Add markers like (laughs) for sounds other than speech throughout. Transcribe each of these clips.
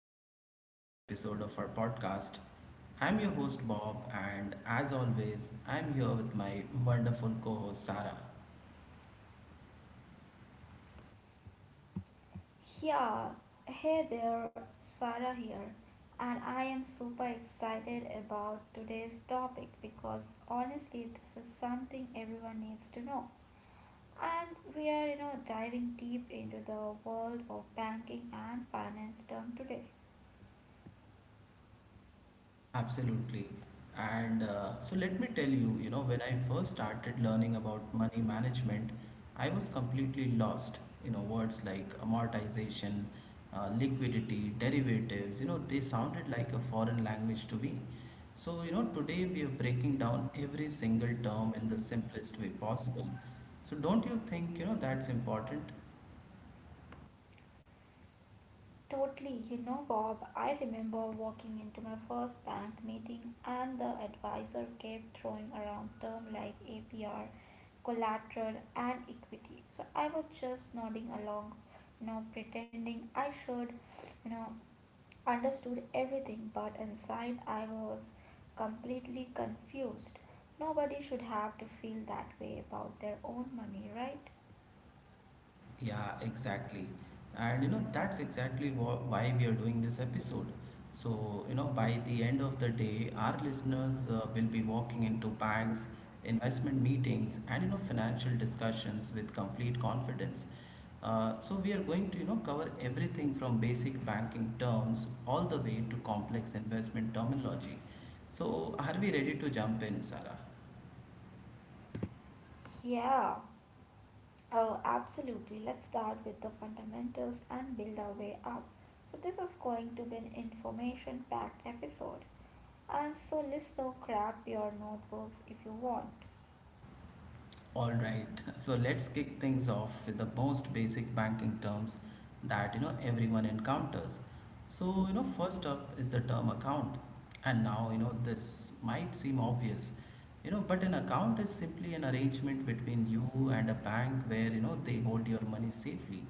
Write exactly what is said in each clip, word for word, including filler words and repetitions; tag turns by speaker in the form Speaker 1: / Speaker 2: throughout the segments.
Speaker 1: another exciting episode of our podcast. I'm your host, Bob, and as always, I'm here with my wonderful co host, Sarah.
Speaker 2: Yeah, hey there, Sarah here, and I am super excited about today's topic because honestly, this is something everyone needs to know. And we are, you know, diving deep into the world of banking and finance term today.
Speaker 1: Absolutely. And uh, so let me tell you, you know, when I first started learning about money management, I was completely lost. You know, words like amortization, uh, liquidity, derivatives, you know, they sounded like a foreign language to me. So, you know, today we are breaking down every single term in the simplest way possible. So, don't you think, you know, that's important?
Speaker 2: Totally, you know, Bob, I remember walking into my first bank meeting and the advisor kept throwing around terms like A P R, collateral, and equity. So I was just nodding along, you know, pretending I should, you know, understood everything, but inside I was completely confused. Nobody should have to feel that way about their own money, right?
Speaker 1: Yeah, exactly. And you know, that's exactly wha- why we are doing this episode. So, you know, by the end of the day, our listeners uh, will be walking into banks, investment meetings, and you know, financial discussions with complete confidence. Uh, so, we are going to, you know, cover everything from basic banking terms all the way to complex investment terminology. So, are we ready to jump in, Sarah?
Speaker 2: Yeah. Oh, absolutely. Let's start with the fundamentals and build our way up. So this is going to be an information packed episode. And so, listener, grab your notebooks if you want.
Speaker 1: Alright, so let's kick things off with the most basic banking terms that you know everyone encounters. So, you know, first up is the term account. And now, you know, this might seem obvious, you know, but an account is simply an arrangement between you and a bank where, you know, they hold your money safely.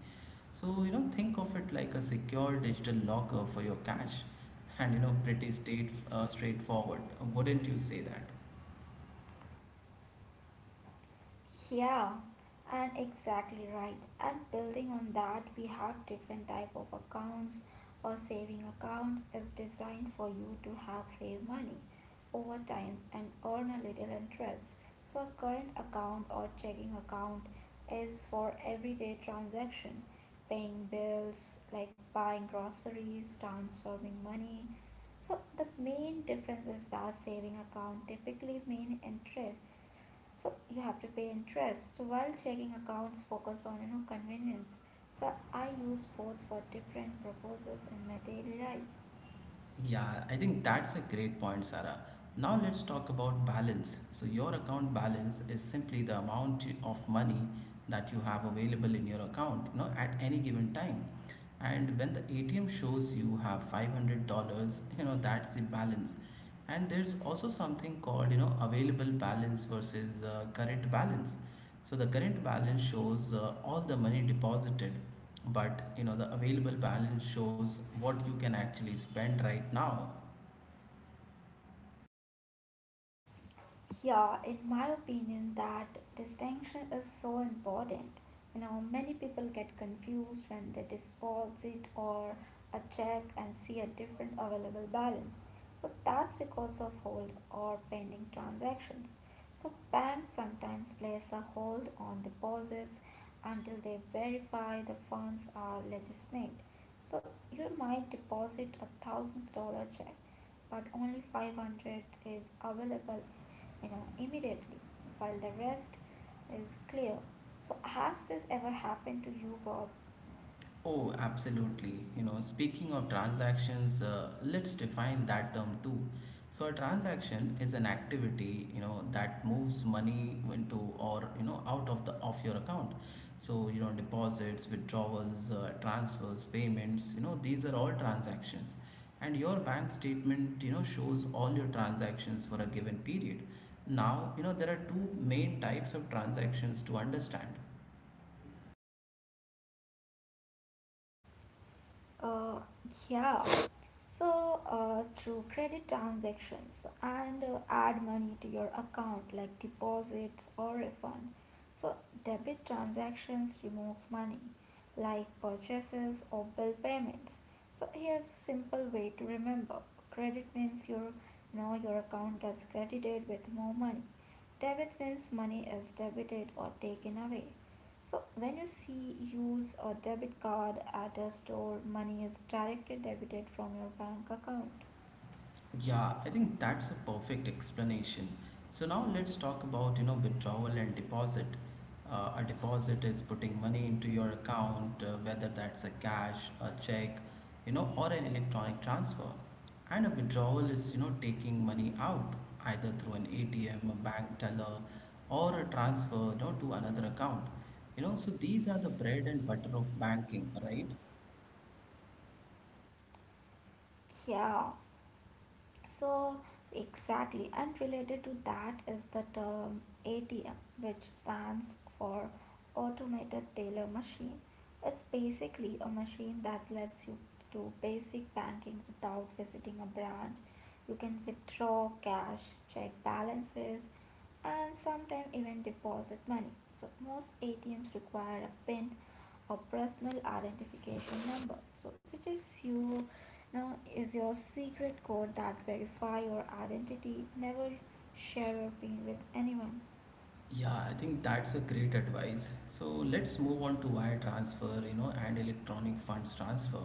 Speaker 1: So, you know, think of it like a secure digital locker for your cash, and, you know, pretty state, uh, straightforward. Wouldn't you say that?
Speaker 2: Yeah, and exactly right. And building on that, we have different type of accounts. A saving account is designed for you to have save money over time and earn a little interest. So a current account or checking account is for everyday transaction, paying bills, like buying groceries, transferring money. So the main difference is that saving account typically mean interest, so you have to pay interest, so while checking accounts focus on you know convenience. So I use both for different purposes in my daily life.
Speaker 1: Yeah, I think that's a great point, Sarah. Now let's talk about balance. So, your account balance is simply the amount of money that you have available in your account, you know, at any given time. And when the A T M shows you have five hundred dollars you know, that's the balance. And there's also something called, you know, available balance versus uh, current balance. So, the current balance shows uh, all the money deposited, but you know the available balance shows what you can actually spend right now.
Speaker 2: Yeah, in my opinion, that distinction is so important. You know, many people get confused when they deposit or a check and see a different available balance. So that's because of hold or pending transactions. So banks sometimes place a hold on deposits until they verify the funds are legitimate. So you might deposit a thousand dollar check, but only five hundred is available you know immediately, while the rest is clear. So has this ever happened to you, Bob?
Speaker 1: Oh, absolutely. You know, speaking of transactions, uh, let's define that term too. So, a transaction is an activity, you know, that moves money into or you know out of the of your account. So, you know, deposits, withdrawals, uh, transfers, payments, you know, these are all transactions. And your bank statement, you know, shows all your transactions for a given period. Now, you know, there are two main types of transactions to understand.
Speaker 2: Uh, yeah. So, uh, through credit transactions and uh, add money to your account like deposits or refund. So debit transactions remove money like purchases or bill payments. So here's a simple way to remember. Credit means your now your account gets credited with more money. Debit means money is debited or taken away. So when you see use a debit card at a store, money is directly debited from your bank account.
Speaker 1: Yeah, I think that's a perfect explanation. So now let's talk about, you know, withdrawal and deposit. Uh, a deposit is putting money into your account, uh, whether that's a cash, a check, you know, or an electronic transfer. And a withdrawal is, you know, taking money out either through an A T M, a bank teller, or a transfer, you know, to another account. You know, so these are the bread and butter of banking, right?
Speaker 2: Yeah. So exactly, and related to that is the term A T M, which stands for automated teller machine. It's basically a machine that lets you do basic banking without visiting a branch. You can withdraw cash, check balances, and sometimes even deposit money. So most A T Ms require a PIN or personal identification number. So which is you know is your secret code that verify your identity. Never share your PIN with anyone.
Speaker 1: Yeah, I think that's a great advice. So let's move on to wire transfer, you know, and electronic funds transfer,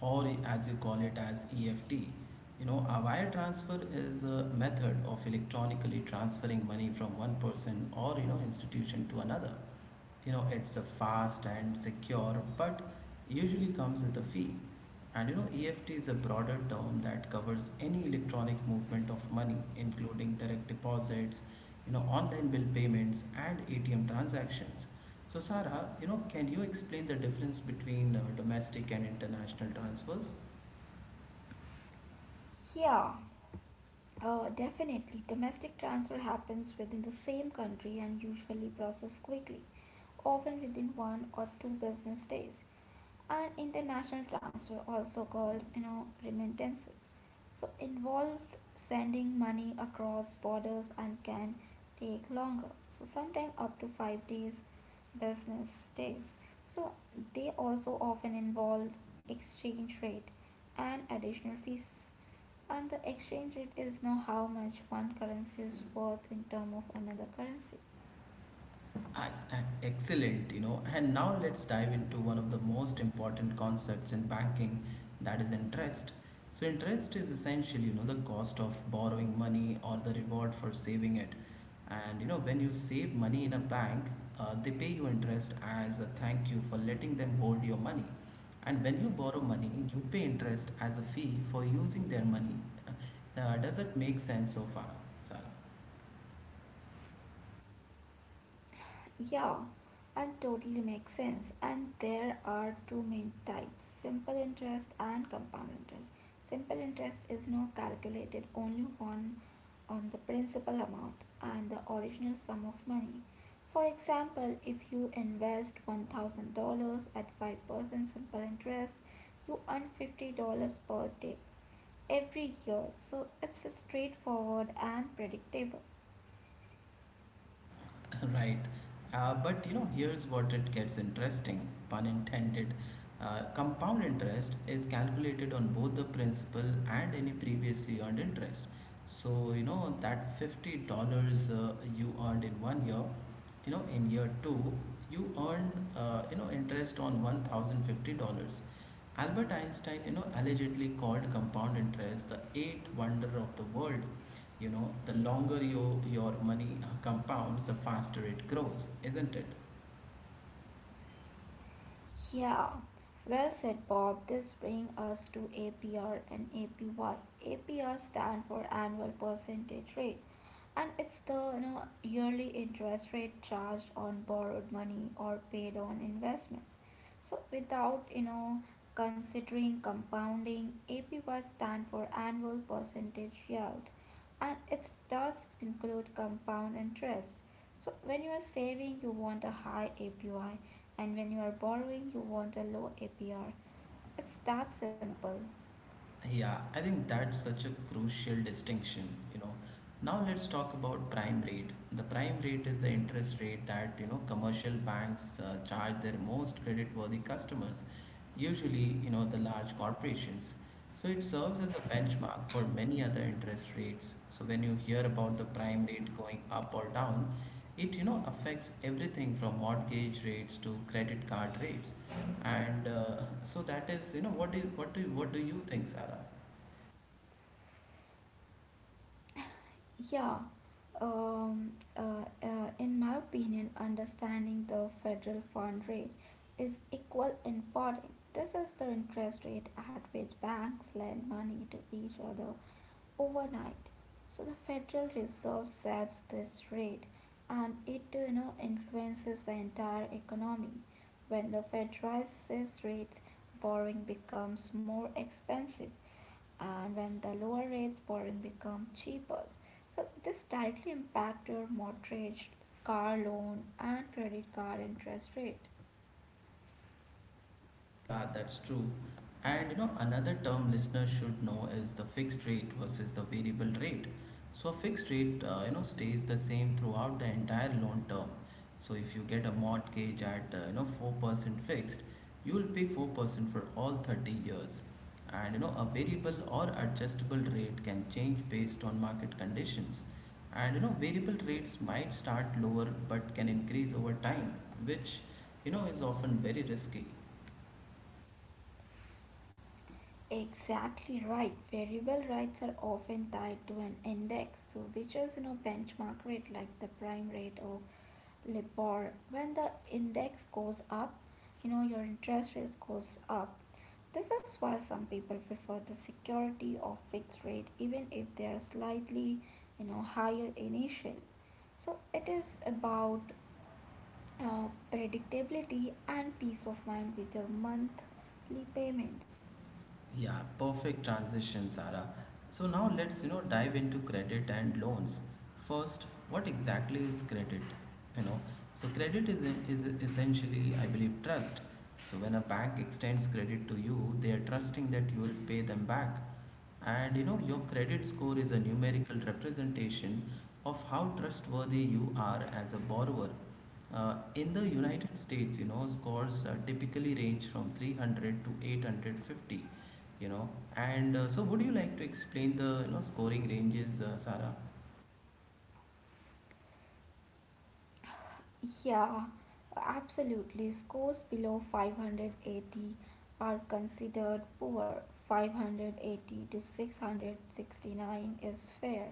Speaker 1: or as you call it as E F T. You know, a wire transfer is a method of electronically transferring money from one person or, you know, institution to another. You know it's a fast and secure, but usually comes with a fee. And you know E F T is a broader term that covers any electronic movement of money, including direct deposits, you know online bill payments, and A T M transactions. So Sarah, you know can you explain the difference between uh, domestic and international transfers?
Speaker 2: Yeah. Uh, definitely, domestic transfer happens within the same country and usually processed quickly, often within one or two business days. And international transfer, also called you know remittances, so involved sending money across borders and can take longer, so sometimes up to five days business days. So they also often involve exchange rate and additional fees. And the exchange rate is know how much one currency is worth in term of another currency.
Speaker 1: Ex- ex- Excellent, you know. And now let's dive into one of the most important concepts in banking, that is interest. So interest is essentially, you know, the cost of borrowing money or the reward for saving it. And you know, when you save money in a bank, uh, they pay you interest as a thank you for letting them hold your money. And when you borrow money, you pay interest as a fee for using their money. Uh, Now, does it make sense so far, Sarah?
Speaker 2: Yeah, and totally makes sense. And there are two main types, simple interest and compound interest. Simple interest is now calculated only on, on the principal amount and the original sum of money. For example, if you invest one thousand dollars at five percent simple interest, you earn fifty dollars per day every year. So it's straightforward and predictable.
Speaker 1: (laughs) Right. Uh, but you know, here's what it gets interesting, pun intended. Uh, compound interest is calculated on both the principal and any previously earned interest. So, you know, that fifty dollars uh, you earned in one year, you know, in year two, you earned, uh, you know, interest on one thousand fifty dollars. Albert Einstein, you know, allegedly called compound interest the eighth wonder of the world. You know, the longer your your money compounds, the faster it grows, isn't it?
Speaker 2: Yeah, well said, Bob. This brings us to A P R and A P Y. A P R stand for annual percentage rate, and it's the you know, yearly interest rate charged on borrowed money or paid on investments. So, without you know considering compounding, A P Y stand for annual percentage yield, and it does include compound interest. So when you are saving, you want a high A P Y, and when you are borrowing, you want a low A P R. It's that simple.
Speaker 1: Yeah, I think that's such a crucial distinction, you know. Now let's talk about prime rate. The prime rate is the interest rate that, you know, commercial banks uh, charge their most creditworthy customers, usually, you know, the large corporations. So it serves as a benchmark for many other interest rates. So when you hear about the prime rate going up or down, it you know affects everything from mortgage rates to credit card rates. And uh, so that is you know what do you, what do you, what do you think, Sarah?
Speaker 2: (laughs) Yeah, um, uh, uh, in my opinion, understanding the federal fund rate is equal important. This is the interest rate at which banks lend money to each other overnight. So the Federal Reserve sets this rate, and it you know influences the entire economy. When the Fed raises rates, borrowing becomes more expensive, and when the lower rates borrowing become cheaper. So this directly impact your mortgage, car loan and credit card interest rate.
Speaker 1: Yeah, that's true. And you know, another term listeners should know is the fixed rate versus the variable rate. So a fixed rate, uh, you know, stays the same throughout the entire loan term. So if you get a mortgage at uh, you know four percent fixed, you will pay four percent for all thirty years. And you know, a variable or adjustable rate can change based on market conditions. And you know, variable rates might start lower but can increase over time, which you know is often very risky.
Speaker 2: Exactly right. Variable rates are often tied to an index, so which is you know benchmark rate like the prime rate or LIBOR. When the index goes up, you know your interest rate goes up. This is why some people prefer the security of fixed rate even if they are slightly you know higher initial. So it is about uh, predictability and peace of mind with your monthly payments.
Speaker 1: Yeah, perfect transition, Sarah. So now let's you know dive into credit and loans. First, what exactly is credit? You know, so credit is is essentially, I believe, trust. So when a bank extends credit to you, they are trusting that you will pay them back. And you know, your credit score is a numerical representation of how trustworthy you are as a borrower. Uh, in the United States, you know, scores uh, typically range from three hundred to eight hundred fifty, you know. And uh, so, would you like to explain the you know scoring ranges, uh, Sarah?
Speaker 2: Yeah, absolutely. Scores below five hundred eighty are considered poor. five eighty to six hundred sixty-nine is fair.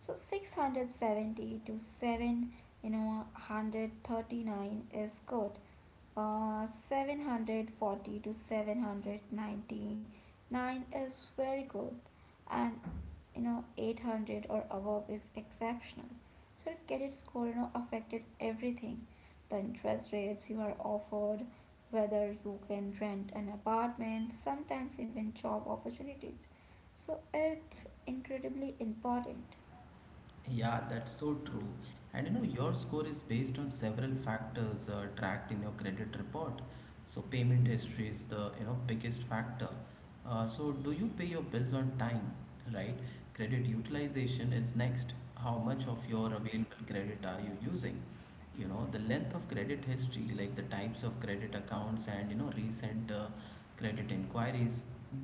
Speaker 2: So six hundred seventy to seven, you know, one hundred thirty-nine is good. Uh, seven hundred forty to seven hundred ninety-nine is very good, and you know eight hundred or above is exceptional. So credit score you know affected everything, the interest rates you are offered, whether you can rent an apartment, sometimes even job opportunities. So it's incredibly important.
Speaker 1: Yeah, that's so true. And you know, your score is based on several factors uh, tracked in your credit report. So, payment history is the you know biggest factor. Uh, so, do you pay your bills on time, right? Credit utilization is next. How much of your available credit are you using? you know the length of credit history, like the types of credit accounts, and you know recent uh, credit inquiries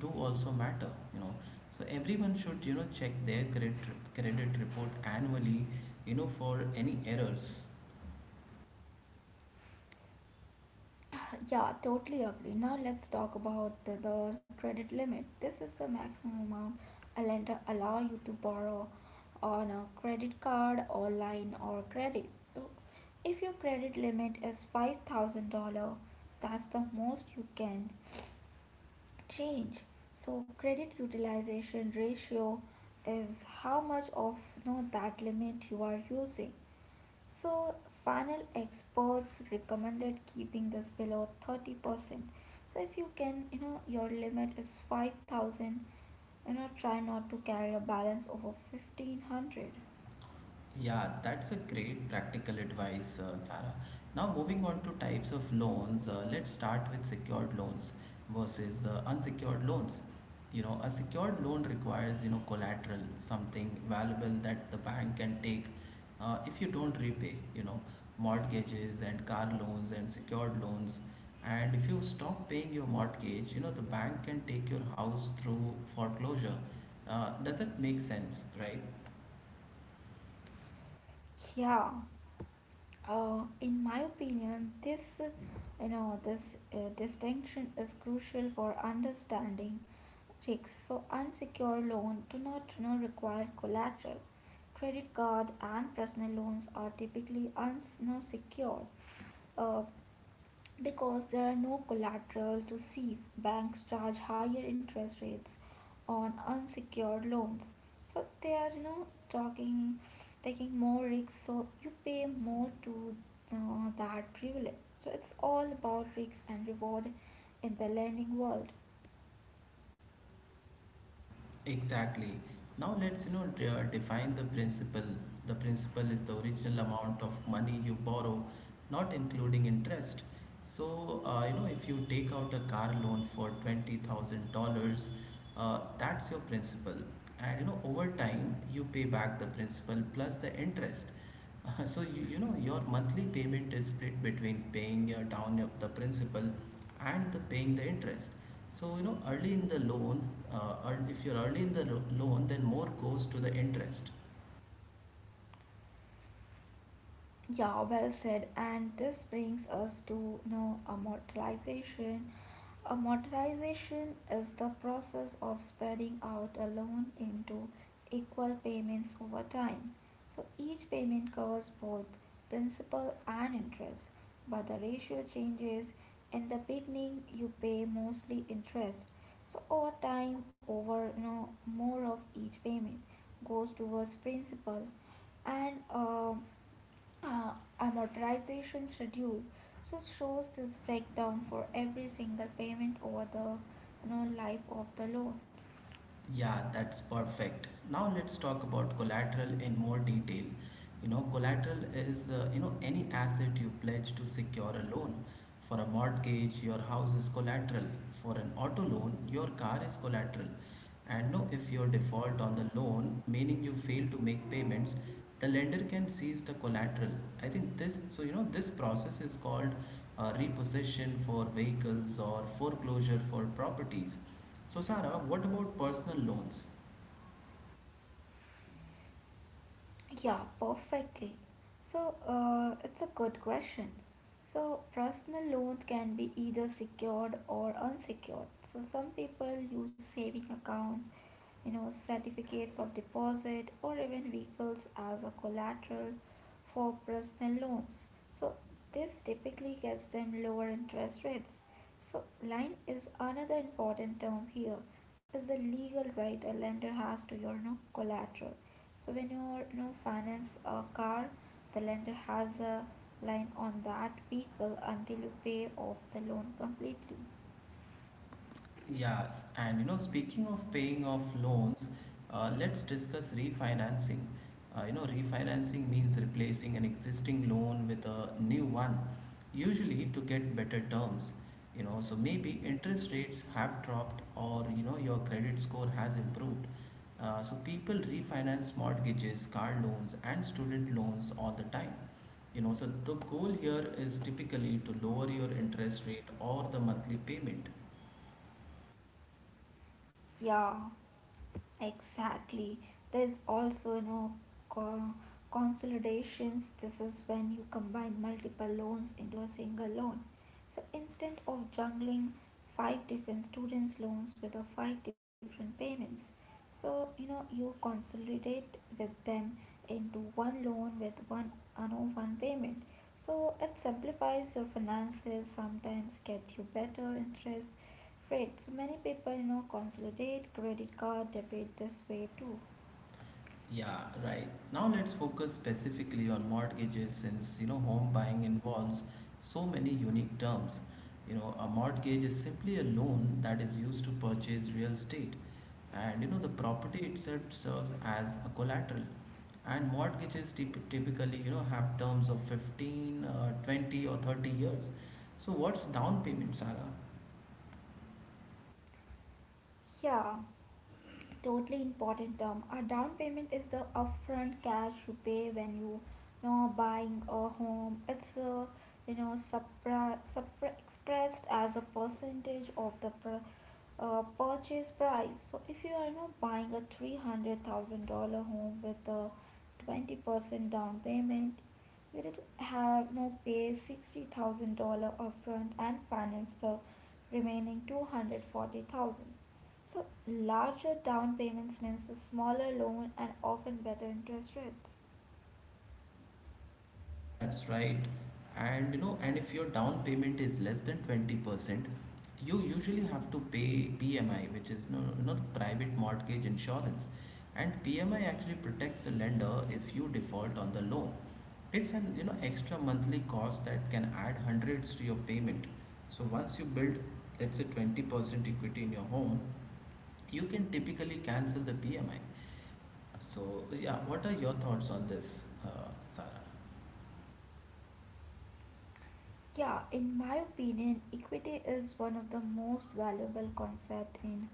Speaker 1: do also matter you know. So everyone should you know check their credit credit report annually you know for any errors.
Speaker 2: Yeah, totally agree. Now let's talk about the, the credit limit. This is the maximum amount a lender allow you to borrow on a credit card or line or credit. So if your credit limit is five thousand dollars that's the most you can change. So credit utilization ratio is how much of you know, that limit you are using. So, final experts recommended keeping this below thirty percent. So if you can, you know, your limit is five thousand, you know, try not to carry a balance over fifteen hundred.
Speaker 1: Yeah, that's a great practical advice, uh, Sara. Now, moving on to types of loans, uh, let's start with secured loans versus uh, unsecured loans. You know, a secured loan requires, you know, collateral, something valuable that the bank can take uh, if you don't repay. You know, mortgages and car loans and secured loans. And if you stop paying your mortgage, you know, the bank can take your house through foreclosure. Uh, does that make sense, right?
Speaker 2: Yeah, uh, in my opinion, this, uh, you know, this uh, distinction is crucial for understanding risks. So unsecured loan do not, you know, require collateral. Credit card and personal loans are typically unsecured. Uh, because there are no collateral to seize, banks charge higher interest rates on unsecured loans. So they are, you know, talking, taking more risks. So you pay more to uh, that privilege. So it's all about risk and reward in the lending world.
Speaker 1: Exactly. Now let's you know de- define the principal. The principal is the original amount of money you borrow, not including interest. So uh, you know if you take out a car loan for twenty thousand dollars, uh, that's your principal, and you know over time you pay back the principal plus the interest. Uh, So you, you know your monthly payment is split between paying your down of the principal and the paying the interest. So you know early in the loan, uh, ear- if you're early in the lo- loan, then more goes to the interest.
Speaker 2: Yeah, well said. And this brings us to you know, amortization. A modernization is the process of spreading out a loan into equal payments over time. So each payment covers both principal and interest, but the ratio changes. In the beginning, you pay mostly interest. So over time, over you know, more of each payment goes towards principal, and um uh, a modernization schedule so shows this breakdown for every single payment over the you know, life of the loan.
Speaker 1: Yeah, that's perfect. Now let's talk about collateral in more detail. You know, collateral is uh, you know any asset you pledge to secure a loan. For a mortgage, your house is collateral. For an auto loan, your car is collateral. And know if you're default on the loan, meaning you fail to make payments, the lender can seize the collateral. I think this, so you know, this process is called uh, repossession for vehicles or foreclosure for properties. So, Sarah, what about personal loans?
Speaker 2: Yeah, perfectly. So, uh, it's a good question. So personal loans can be either secured or unsecured. So some people use saving accounts, you know, certificates of deposit, or even vehicles as a collateral for personal loans. So this typically gets them lower interest rates. So line is another important term here, is the legal right a lender has to your, you know, collateral. So when you you know, finance a car, the lender has a line on that vehicle until you pay off the loan completely.
Speaker 1: Yes, and you know, speaking of paying off loans, uh, let's discuss refinancing. Uh, you know, refinancing means replacing an existing loan with a new one, usually to get better terms. You know, so maybe interest rates have dropped, or you know, your credit score has improved. Uh, so people refinance mortgages, car loans, and student loans all the time. You know, so the goal here is typically to lower your interest rate or the monthly payment.
Speaker 2: Yeah, exactly. There's also you know co- consolidations. This is when you combine multiple loans into a single loan. So instead of juggling five different students' loans with the five different payments, so, you know, you consolidate with them into one loan with one, you know, one payment. So it simplifies your finances, sometimes get you better interest rates. So many people, you know, consolidate credit card debit this way too.
Speaker 1: Yeah, right. Now let's focus specifically on mortgages, since you know home buying involves so many unique terms. You know, a mortgage is simply a loan that is used to purchase real estate. And you know the property itself serves as a collateral. And mortgages typ- typically, you know, have terms of fifteen, uh, twenty or thirty years. So what's down payment, Sarah?
Speaker 2: Yeah, totally important term. A down payment is the upfront cash you pay when you, you know, buying a home. It's a you know supra, supra expressed as a percentage of the pr- uh, purchase price. So if you are now buying a three hundred thousand dollar home with a twenty percent down payment, you did have now pay sixty thousand dollar upfront and finance the remaining two hundred forty thousand. Dollars. So larger down payments means the smaller loan and often better interest rates.
Speaker 1: That's right. And you know, and if your down payment is less than twenty percent, you usually have to pay P M I, which is no, you know, the private mortgage insurance. And P M I actually protects the lender if you default on the loan. It's an you know extra monthly cost that can add hundreds to your payment. So once you build, let's say twenty percent equity in your home, you can typically cancel the P M I. So yeah, what are your thoughts on this, uh, Sarah?
Speaker 2: Yeah, in my opinion, equity is one of the most valuable concept in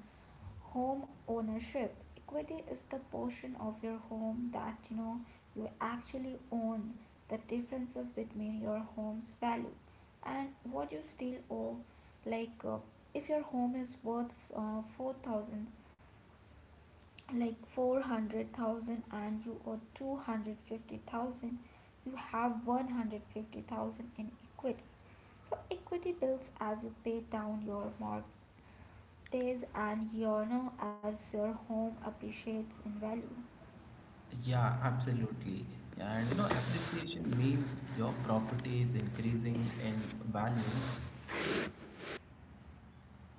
Speaker 2: home ownership. Equity is the portion of your home that you know you actually own. The differences between your home's value and what you still owe. Like uh, if your home is worth uh, four thousand, like four hundred thousand, and you owe two hundred fifty thousand, you have one hundred fifty thousand in equity. So equity builds as you pay down your mortgage days and Yano as your home appreciates in value.
Speaker 1: Yeah, absolutely. And you know, appreciation means your property is increasing in value,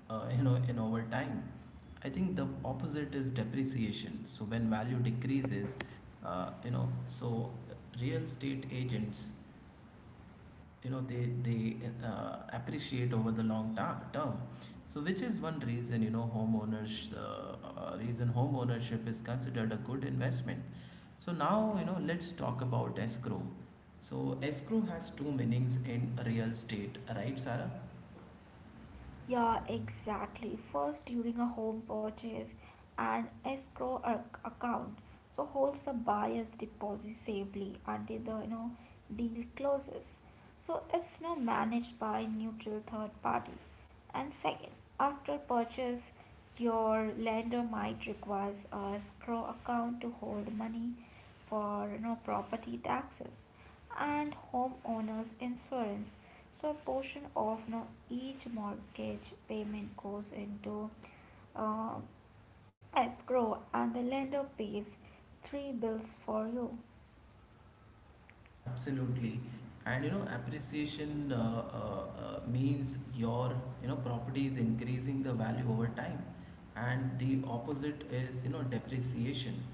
Speaker 1: uh, you know, in over time. I think the opposite is depreciation. So when value decreases, uh, you know, so real estate agents you know they they uh, appreciate over the long ta- term, so which is one reason you know homeowners uh, uh, reason home ownership is considered a good investment. So now, you know let's talk about escrow. So escrow has two meanings in real estate, right, Sarah?
Speaker 2: Yeah, exactly. First, during a home purchase, an escrow ac- account so holds the buyer's deposit safely until the you know deal closes. So it's now managed by neutral third party. And second, after purchase, your lender might requires a escrow account to hold money for you know property taxes and homeowners insurance. So a portion of no, each mortgage payment goes into uh, escrow, and the lender pays three bills for you.
Speaker 1: Absolutely. And you know, appreciation uh, uh, uh, means your you know property is increasing the value over time, and the opposite is you know depreciation.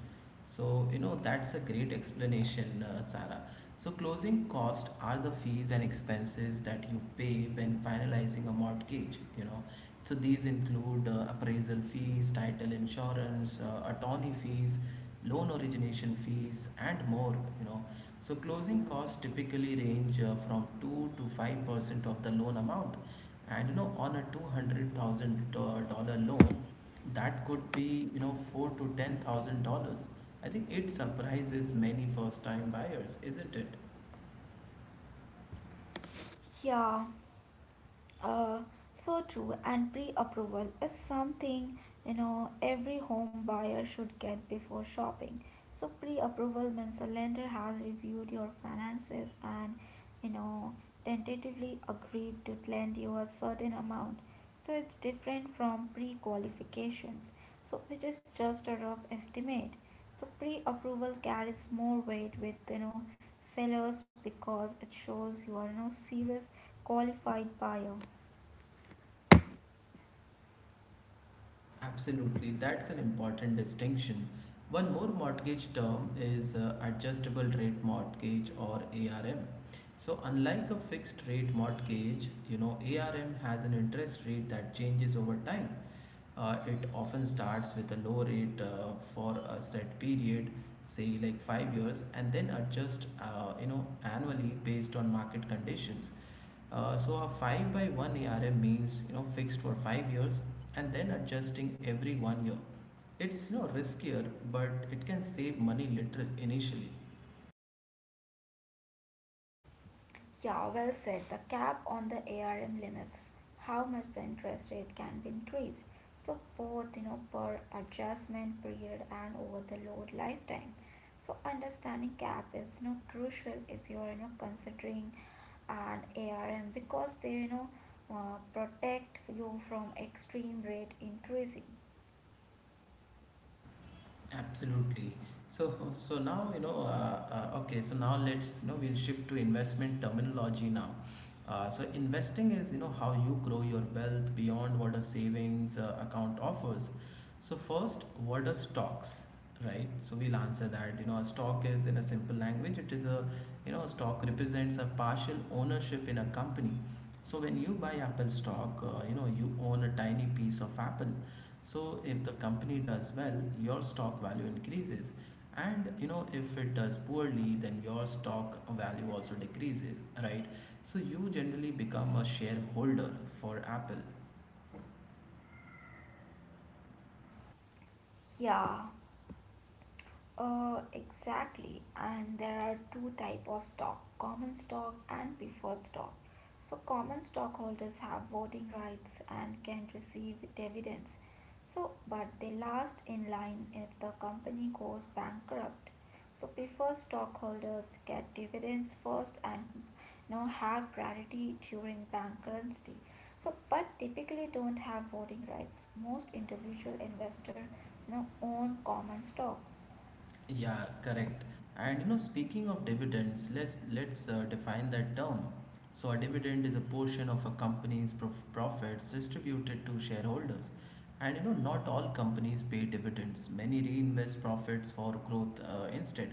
Speaker 1: So you know that's a great explanation, uh, Sarah. So closing cost are the fees and expenses that you pay when finalizing a mortgage. You know, so these include uh, appraisal fees, title insurance, uh, attorney fees, loan origination fees, and more. You know, so closing costs typically range uh, from two to five percent of the loan amount, and you know, on a two hundred thousand dollar loan, that could be you know four to ten thousand dollars. I think it surprises many first time buyers, isn't it?
Speaker 2: Yeah. Uh, so true. And pre-approval is something you know every home buyer should get before shopping. So pre-approval means a lender has reviewed your finances and you know tentatively agreed to lend you a certain amount. So it's different from pre-qualifications, so which is just a rough estimate. So pre-approval carries more weight with you know sellers because it shows you are no serious qualified buyer.
Speaker 1: Absolutely, that's an important distinction. One more mortgage term is uh, adjustable rate mortgage, or ARM. So, unlike a fixed rate mortgage, you know, ARM has an interest rate that changes over time. Uh, it often starts with a low rate uh, for a set period, say like five years, and then adjust, uh, you know, annually based on market conditions. Uh, so a five by one ARM means you know fixed for five years and then adjusting every one year. It's you know riskier, but it can save money little initially.
Speaker 2: Yeah, well said. The cap on the A R M limits how much the interest rate can be increased. So both, you know, per adjustment period and over the load lifetime. So understanding cap is, you know, crucial if you are, you know, considering an A R M because they, you know, uh, protect you from extreme rate increasing.
Speaker 1: Absolutely. So, so now you know. Uh, uh, okay, so now let's you know we'll shift to investment terminology now. Uh, so investing is you know how you grow your wealth beyond what a savings uh, account offers. So first, what are stocks, right? So we'll answer that. You know, a stock is in a simple language. It is a you know a stock represents a partial ownership in a company. So when you buy Apple stock, uh, you know you own a tiny piece of Apple. So if the company does well, your stock value increases. And you know, if it does poorly, then your stock value also decreases, right? So you generally become a shareholder for Apple.
Speaker 2: Yeah. Uh, exactly, and there are two type of stock: common stock and preferred stock. So, common stockholders have voting rights and can receive dividends. So, but they last in line if the company goes bankrupt. So, preferred stockholders get dividends first and now have priority during bankruptcy. So, but typically don't have voting rights. Most individual investors now own common stocks.
Speaker 1: Yeah, correct. And you know, speaking of dividends, let's let's uh, define that term. So a dividend is a portion of a company's prof- profits distributed to shareholders. And you know, not all companies pay dividends. Many reinvest profits for growth uh, instead.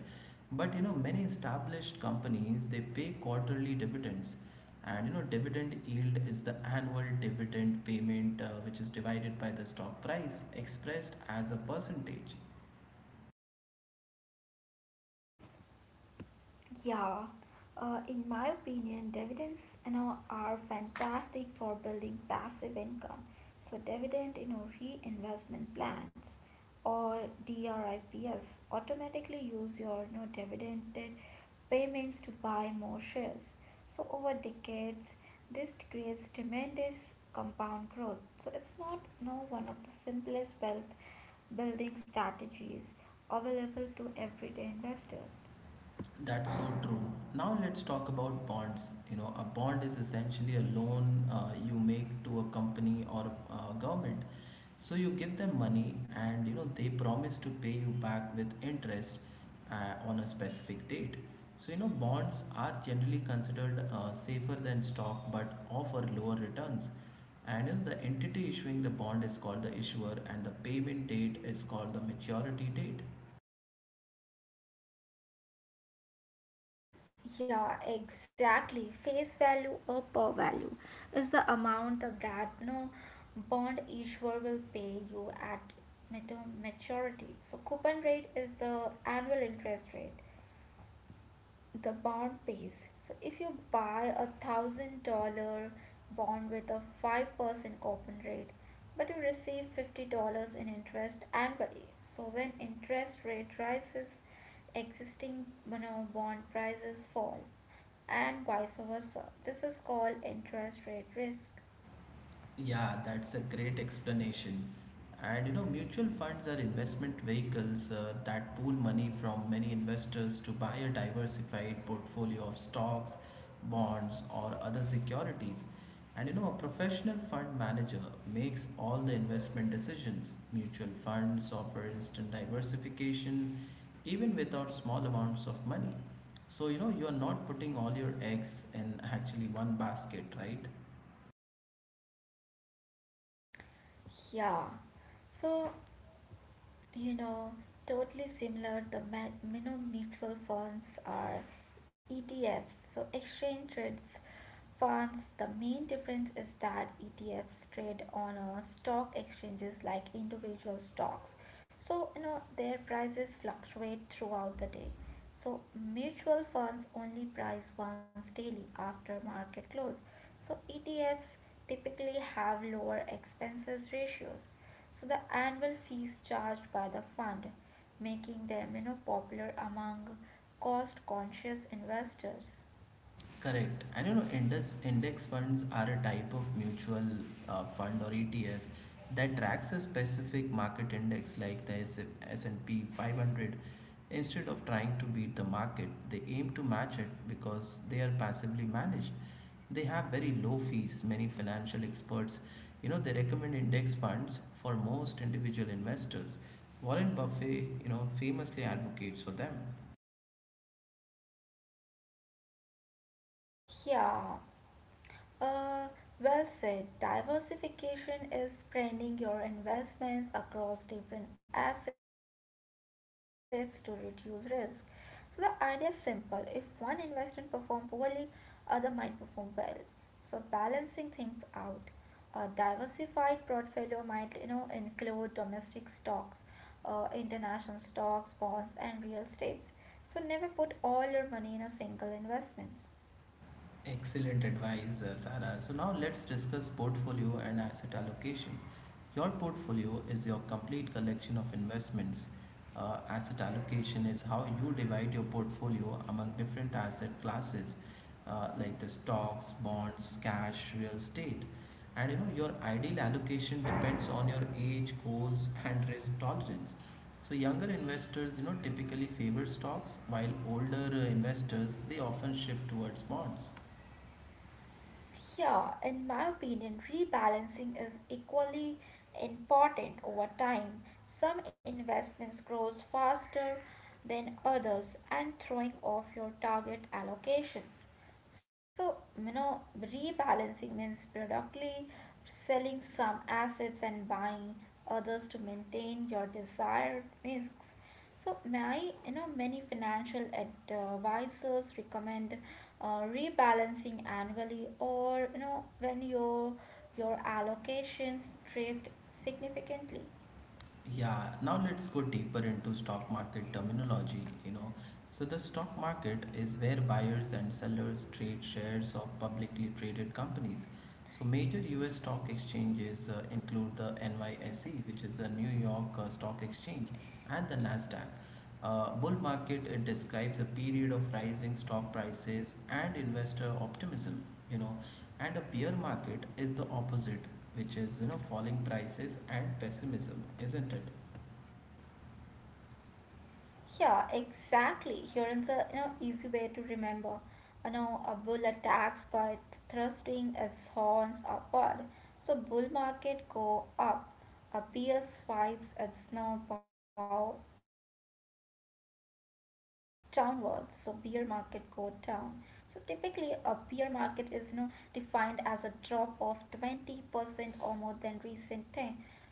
Speaker 1: But you know, many established companies they pay quarterly dividends. And you know, dividend yield is the annual dividend payment uh, which is divided by the stock price, expressed as a percentage.
Speaker 2: Yeah, uh, in my opinion, dividends you know are fantastic for building passive income. So dividend you know reinvestment plans or DRIPS automatically use your you know dividended payments to buy more shares. So over decades, this creates tremendous compound growth. So it's not you know, one of the simplest wealth building strategies available to everyday investors.
Speaker 1: That's so true. Now let's talk about bonds. You know, a bond is essentially a loan uh, you make to a company or uh, government. So you give them money, and you know they promise to pay you back with interest uh, on a specific date. So you know bonds are generally considered uh, safer than stock, but offer lower returns. And you know, the entity issuing the bond is called the issuer, and the payment date is called the maturity date.
Speaker 2: Yeah, exactly. Face value or per value is the amount the that no bond issuer will pay you at mat- maturity. So coupon rate is the annual interest rate the bond pays. So if you buy a thousand dollar bond with a five percent coupon rate, but you receive fifty dollars in interest annually. So when interest rate rises, existing, you know, bond prices fall, and vice versa. This is called interest rate risk.
Speaker 1: Yeah, that's a great explanation. And you know, mutual funds are investment vehicles uh, that pool money from many investors to buy a diversified portfolio of stocks, bonds, or other securities. And you know, a professional fund manager makes all the investment decisions. Mutual funds offer instant diversification even without small amounts of money. So, you know, you are not putting all your eggs in actually one basket, right?
Speaker 2: Yeah. So you know totally similar, the ma- you know mutual funds are E T Fs, so exchange trades funds. The main difference is that E T Fs trade on uh, stock exchanges like individual stocks. So you know their prices fluctuate throughout the day. So mutual funds only price once daily after market close. So etfs typically have lower expenses ratios, so the annual fees charged by the fund, making them you know popular among cost conscious investors.
Speaker 1: Correct. And you know, index index funds are a type of mutual uh, fund or E T F that tracks a specific market index like the S and P five hundred. Instead of trying to beat the market, they aim to match it. Because they are passively managed, they have very low fees. Many financial experts, you know, they recommend index funds for most individual investors. Warren Buffett, you know, famously advocates for them.
Speaker 2: Yeah, Uh, well said. Diversification is spreading your investments across different assets to reduce risk. So the idea is simple. If one investment perform poorly, other might perform well. So balancing things out. A diversified portfolio might you know include domestic stocks, uh, international stocks, bonds, and real estates. So never put all your money in a single investment.
Speaker 1: Excellent advice, uh, Sarah. So now let's discuss portfolio and asset allocation. Your portfolio is your complete collection of investments. Uh, asset allocation is how you divide your portfolio among different asset classes uh, like the stocks, bonds, cash, real estate. And you know your ideal allocation depends on your age, goals, and risk tolerance. So younger investors, you know, typically favor stocks, while older uh, investors they often shift towards bonds.
Speaker 2: Yeah, in my opinion, rebalancing is equally important over time. Some investments grows faster than others and throwing off your target allocations. So, you know, rebalancing means productively selling some assets and buying others to maintain your desired risks. So, my, you know, many financial advisors recommend uh, rebalancing annually or you know when your your allocations drift significantly.
Speaker 1: Yeah, now let's go deeper into stock market terminology, you know. So the stock market is where buyers and sellers trade shares of publicly traded companies. So major U S stock exchanges uh, include the N Y S E, which is the New York uh, Stock Exchange, and the Nasdaq. Uh, bull market it describes a period of rising stock prices and investor optimism, you know and a bear market is the opposite, which is you know falling prices and pessimism, isn't it?
Speaker 2: Yeah, exactly. Here is a you know easy way to remember. You know, a bull attacks by thrusting its horns upward. So bull market go up. A bear swipes its snow bow downwards. So bear market go down. So typically, a bear market is you know defined as a drop of twenty percent or more than recent.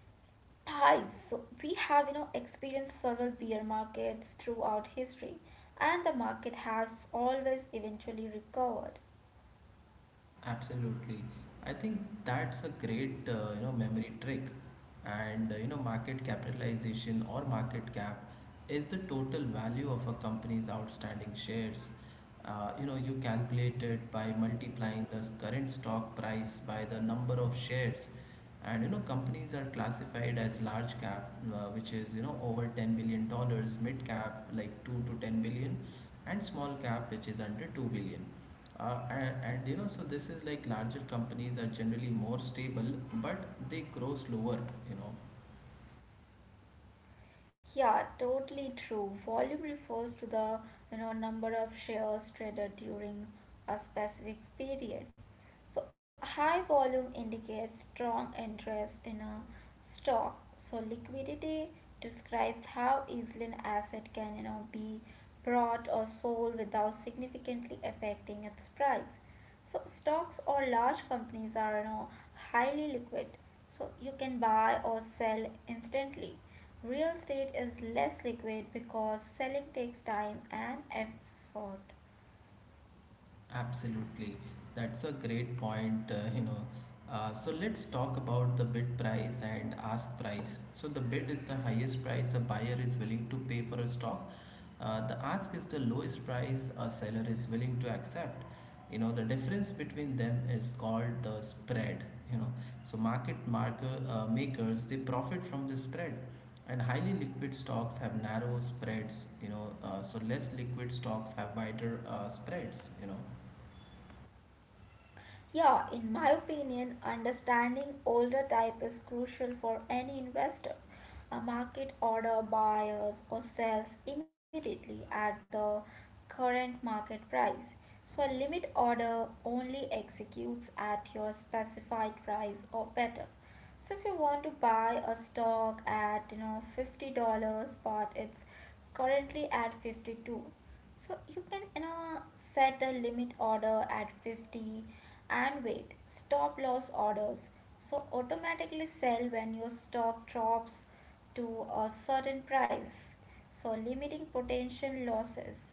Speaker 2: Hi, so we have, you know, experienced several bear markets throughout history, and the market has always eventually recovered.
Speaker 1: Absolutely. I think that's a great uh, you know memory trick. And uh, you know market capitalization, or market cap, is the total value of a company's outstanding shares. Uh, you know you calculate it by multiplying the current stock price by the number of shares. And you know companies are classified as large cap, uh, which is you know over ten billion dollars, mid cap like two to ten billion, and small cap, which is under two billion. Uh, and, and you know so this is like larger companies are generally more stable, but they grow slower, you know
Speaker 2: Yeah, totally true. Volume refers to the you know number of shares traded during a specific period. So high volume indicates strong interest in a stock. So liquidity describes how easily an asset can you know be bought or sold without significantly affecting its price. So stocks or large companies are you know highly liquid, so you can buy or sell instantly. Real estate is less liquid because selling takes time and effort.
Speaker 1: Absolutely. That's a great point, uh, you know. Uh, so let's talk about the bid price and ask price. So the bid is the highest price a buyer is willing to pay for a stock. Uh, the ask is the lowest price a seller is willing to accept. You know, the difference between them is called the spread, you know. So market marker uh, makers they profit from the spread. And highly liquid stocks have narrow spreads, you know, uh, so less liquid stocks have wider uh, spreads, you know.
Speaker 2: Yeah, in my opinion, understanding older type is crucial for any investor. A market order buys or sells immediately at the current market price. So a limit order only executes at your specified price or better. So if you want to buy a stock at you know fifty dollars but it's currently at fifty two, so you can you know, set the limit order at fifty and wait stop loss orders. So automatically sell when your stock drops to a certain price. So limiting potential losses.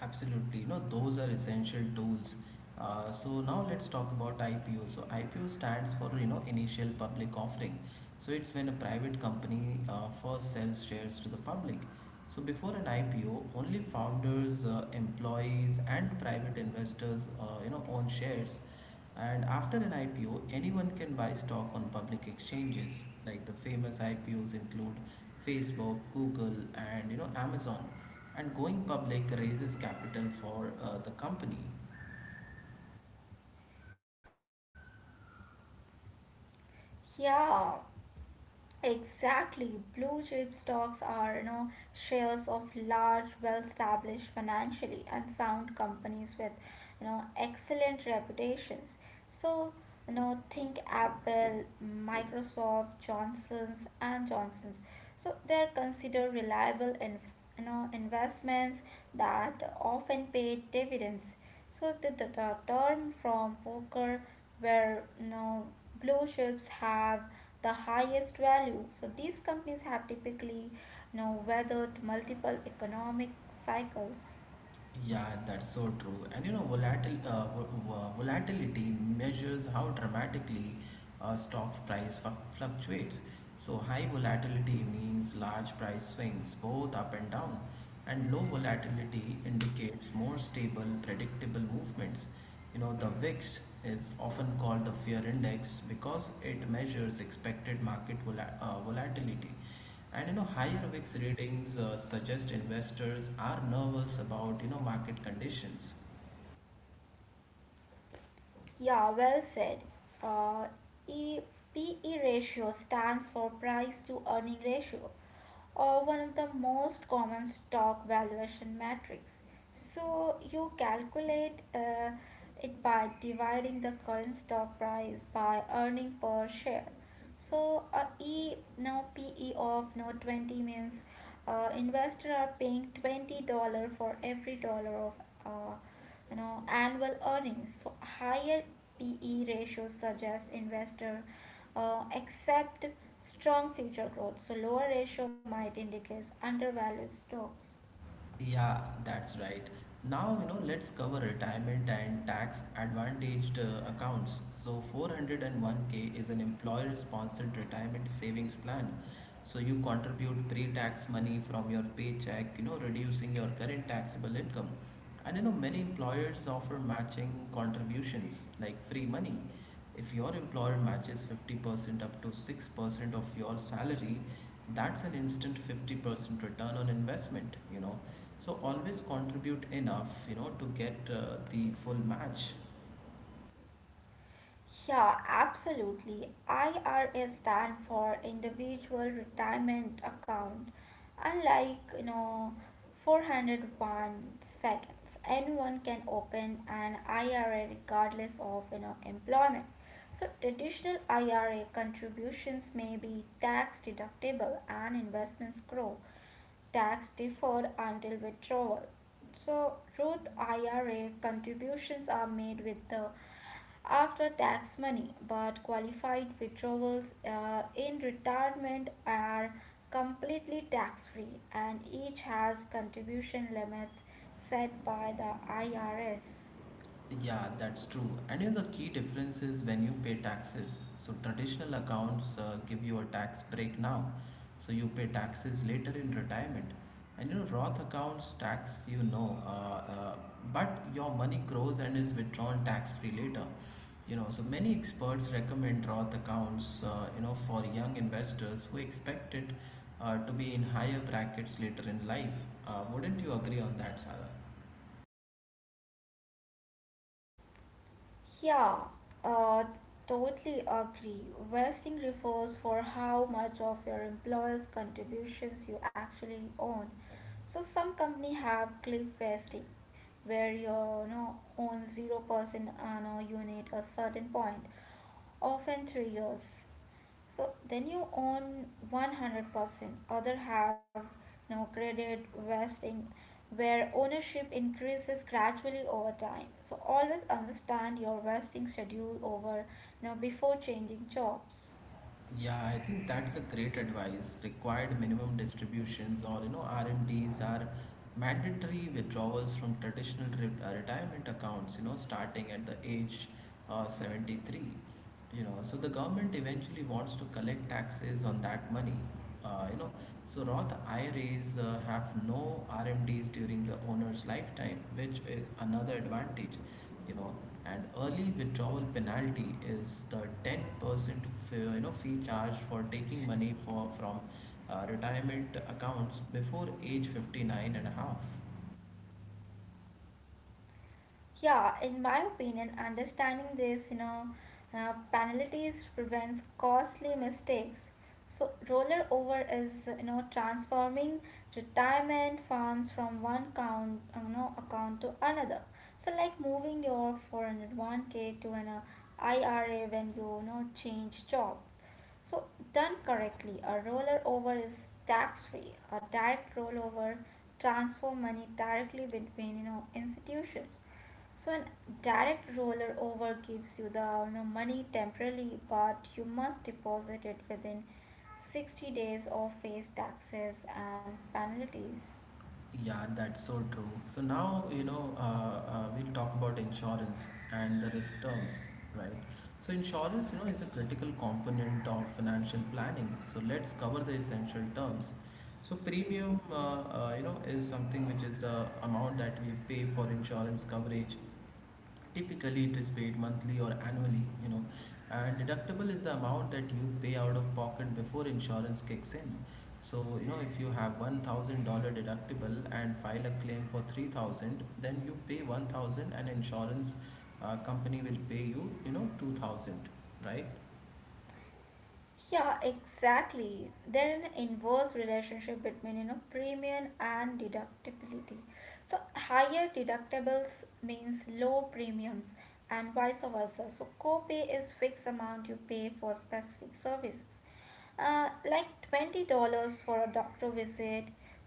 Speaker 1: Absolutely. No, those are essential tools. Uh, so now let's talk about I P O. So I P O stands for you know initial public offering. So it's when a private company uh, first sells shares to the public. So before an I P O, only founders, uh, employees, and private investors uh, you know own shares. And after an I P O, anyone can buy stock on public exchanges. Like the famous I P Os include Facebook, Google, and you know Amazon. And going public raises capital for uh, the company.
Speaker 2: Yeah, exactly. Blue chip stocks are, you know, shares of large, well-established, financially and sound companies with, you know, excellent reputations. So, you know, think Apple, Microsoft, Johnson's and Johnson's. So they're considered reliable in, you know, investments that often pay dividends. So the, the, the term from poker where you know, blue chips have the highest value. So these companies have typically you know, weathered multiple economic cycles.
Speaker 1: Yeah, that's so true. And you know, volatil uh, vo- vo- volatility measures how dramatically uh, stocks price fu- fluctuates. So high volatility means large price swings, both up and down, and low volatility indicates more stable, predictable movements. You know, the VIX is often called the fear index because it measures expected market vola- uh, volatility. And you know, higher VIX ratings uh, suggest investors are nervous about you know market conditions.
Speaker 2: Yeah, well said. Uh, E, P e, P E ratio stands for price to earning ratio, or one of the most common stock valuation metrics. So you calculate uh, it by dividing the current stock price by earning per share. So a E now P E of now twenty means uh, investors are paying twenty dollars for every dollar of uh, you know annual earnings. So higher P E ratio suggests investor uh, except strong future growth. So lower ratio might indicate undervalued stocks.
Speaker 1: Yeah, that's right. Now you know, let's cover retirement and tax advantaged uh, accounts. So four oh one k is an employer-sponsored retirement savings plan. So you contribute pre-tax money from your paycheck, you know, reducing your current taxable income. And you know, many employers offer matching contributions like free money. If your employer matches fifty percent up to six percent of your salary, that's an instant fifty percent return on investment, you know. So always contribute enough, you know, to get uh, the full match.
Speaker 2: Yeah, absolutely. I R A stand for Individual Retirement Account. Unlike, you know, four oh one seconds, anyone can open an I R A regardless of, you know, employment. So traditional I R A contributions may be tax deductible and investments grow tax deferred until withdrawal. So, Roth I R A contributions are made with the after tax money, but qualified withdrawals uh, in retirement are completely tax free, and each has contribution limits set by the I R S.
Speaker 1: Yeah, that's true. And you know, the key difference is when you pay taxes. So, traditional accounts uh, give you a tax break now, so you pay taxes later in retirement. And you know, Roth accounts tax you know, uh, uh, but your money grows and is withdrawn tax free later. You know, so many experts recommend Roth accounts, uh, you know, for young investors who expect it uh, to be in higher brackets later in life. Uh, wouldn't you agree on that, Sarah?
Speaker 2: Yeah, uh, totally agree. Vesting refers for how much of your employer's contributions you actually own. So some company have cliff vesting, where you, know own zero percent on a unit a certain point, often three years. So then you own one hundred percent, other have no credit vesting where ownership increases gradually over time. So always understand your vesting schedule over now before changing jobs.
Speaker 1: Yeah, I think that's a great advice. Required minimum distributions, or you know R M Ds, are mandatory withdrawals from traditional re uh, retirement accounts, you know, starting at the age uh, seventy-three. You know, so the government eventually wants to collect taxes on that money. Uh, you know, so Roth I R As uh, have no R M Ds during the owner's lifetime, which is another advantage, you know and early withdrawal penalty is the ten percent fee, you know fee charged for taking money for from uh, retirement accounts before age fifty nine and a half.
Speaker 2: Yeah, in my opinion, understanding this, you know, uh, penalties prevents costly mistakes. So roller over is, you know, transforming retirement funds from one account, you know, account to another. So like moving your four oh one k to an uh, I R A when you, you know, change job. So done correctly, a roller over is tax free. A direct rollover transfer money directly between, you know, institutions. So an direct roller over gives you the you know, money temporarily, but you must deposit it within sixty days of face taxes and penalties.
Speaker 1: Yeah, that's so true. So now, you know, uh, uh, we'll talk about insurance and the risk terms, right? So insurance, you know, is a critical component of financial planning. So let's cover the essential terms. So premium, uh, uh, you know, is something which is the amount that we pay for insurance coverage. Typically, it is paid monthly or annually, you know, and deductible is the amount that you pay out of pocket before insurance kicks in. So, you know, if you have one thousand dollars deductible and file a claim for three thousand, then you pay one thousand and insurance uh, company will pay you, you know, two thousand, right?
Speaker 2: Yeah, exactly. There is an inverse relationship between you know premium and deductibility. So higher deductibles means low premiums and vice versa. So copay is fixed amount you pay for specific services. Uh, like twenty dollars for a doctor visit,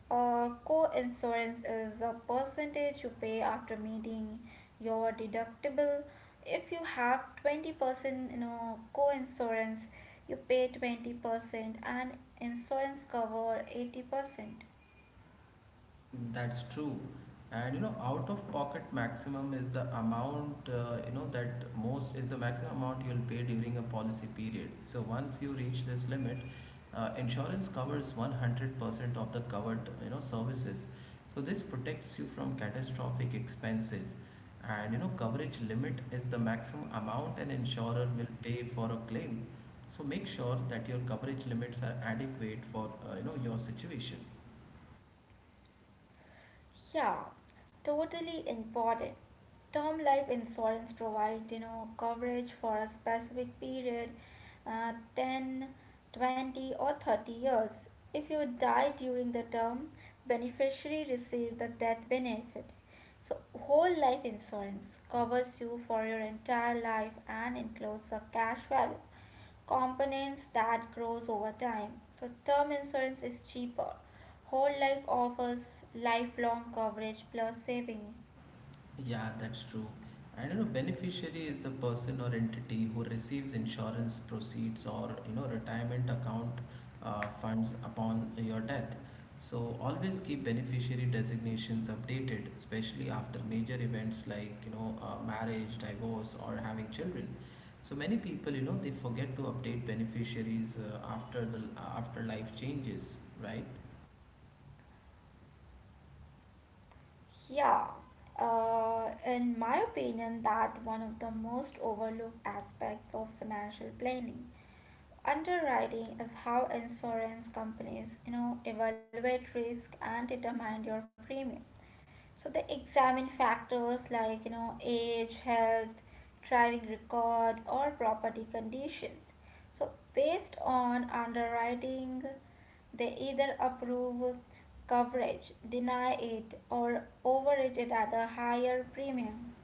Speaker 2: or co-insurance is a percentage you pay after meeting your deductible. If you have twenty percent you know co-insurance, you pay twenty percent and insurance cover eighty percent.
Speaker 1: That's true. And you know, out of pocket maximum is the amount, uh, you know, that most is the maximum amount you'll pay during a policy period. So once you reach this limit, uh, insurance covers one hundred percent of the covered, you know, services. So this protects you from catastrophic expenses. And you know, coverage limit is the maximum amount an insurer will pay for a claim. So make sure that your coverage limits are adequate for, uh, you know, your situation.
Speaker 2: Yeah, totally important. Term life insurance provides, you know, coverage for a specific period, uh, ten, twenty or thirty years. If you die during the term, beneficiary receive the death benefit. So, whole life insurance covers you for your entire life and includes a cash value components that grows over time. So term insurance is cheaper. Whole life offers lifelong coverage plus saving.
Speaker 1: Yeah, that's true. I do know, beneficiary is the person or entity who receives insurance proceeds or you know retirement account uh, funds upon your death. So always keep beneficiary designations updated, especially after major events like you know uh, marriage, divorce, or having children. So many people, you know, they forget to update beneficiaries uh, after the after life changes, right?
Speaker 2: Yeah. Uh, in my opinion, that one of the most overlooked aspects of financial planning. Underwriting is how insurance companies, you know, evaluate risk and determine your premium. So they examine factors like you know age, health, driving record, or property conditions. So based on underwriting, they either approve coverage, deny it, or overrate it at a higher premium.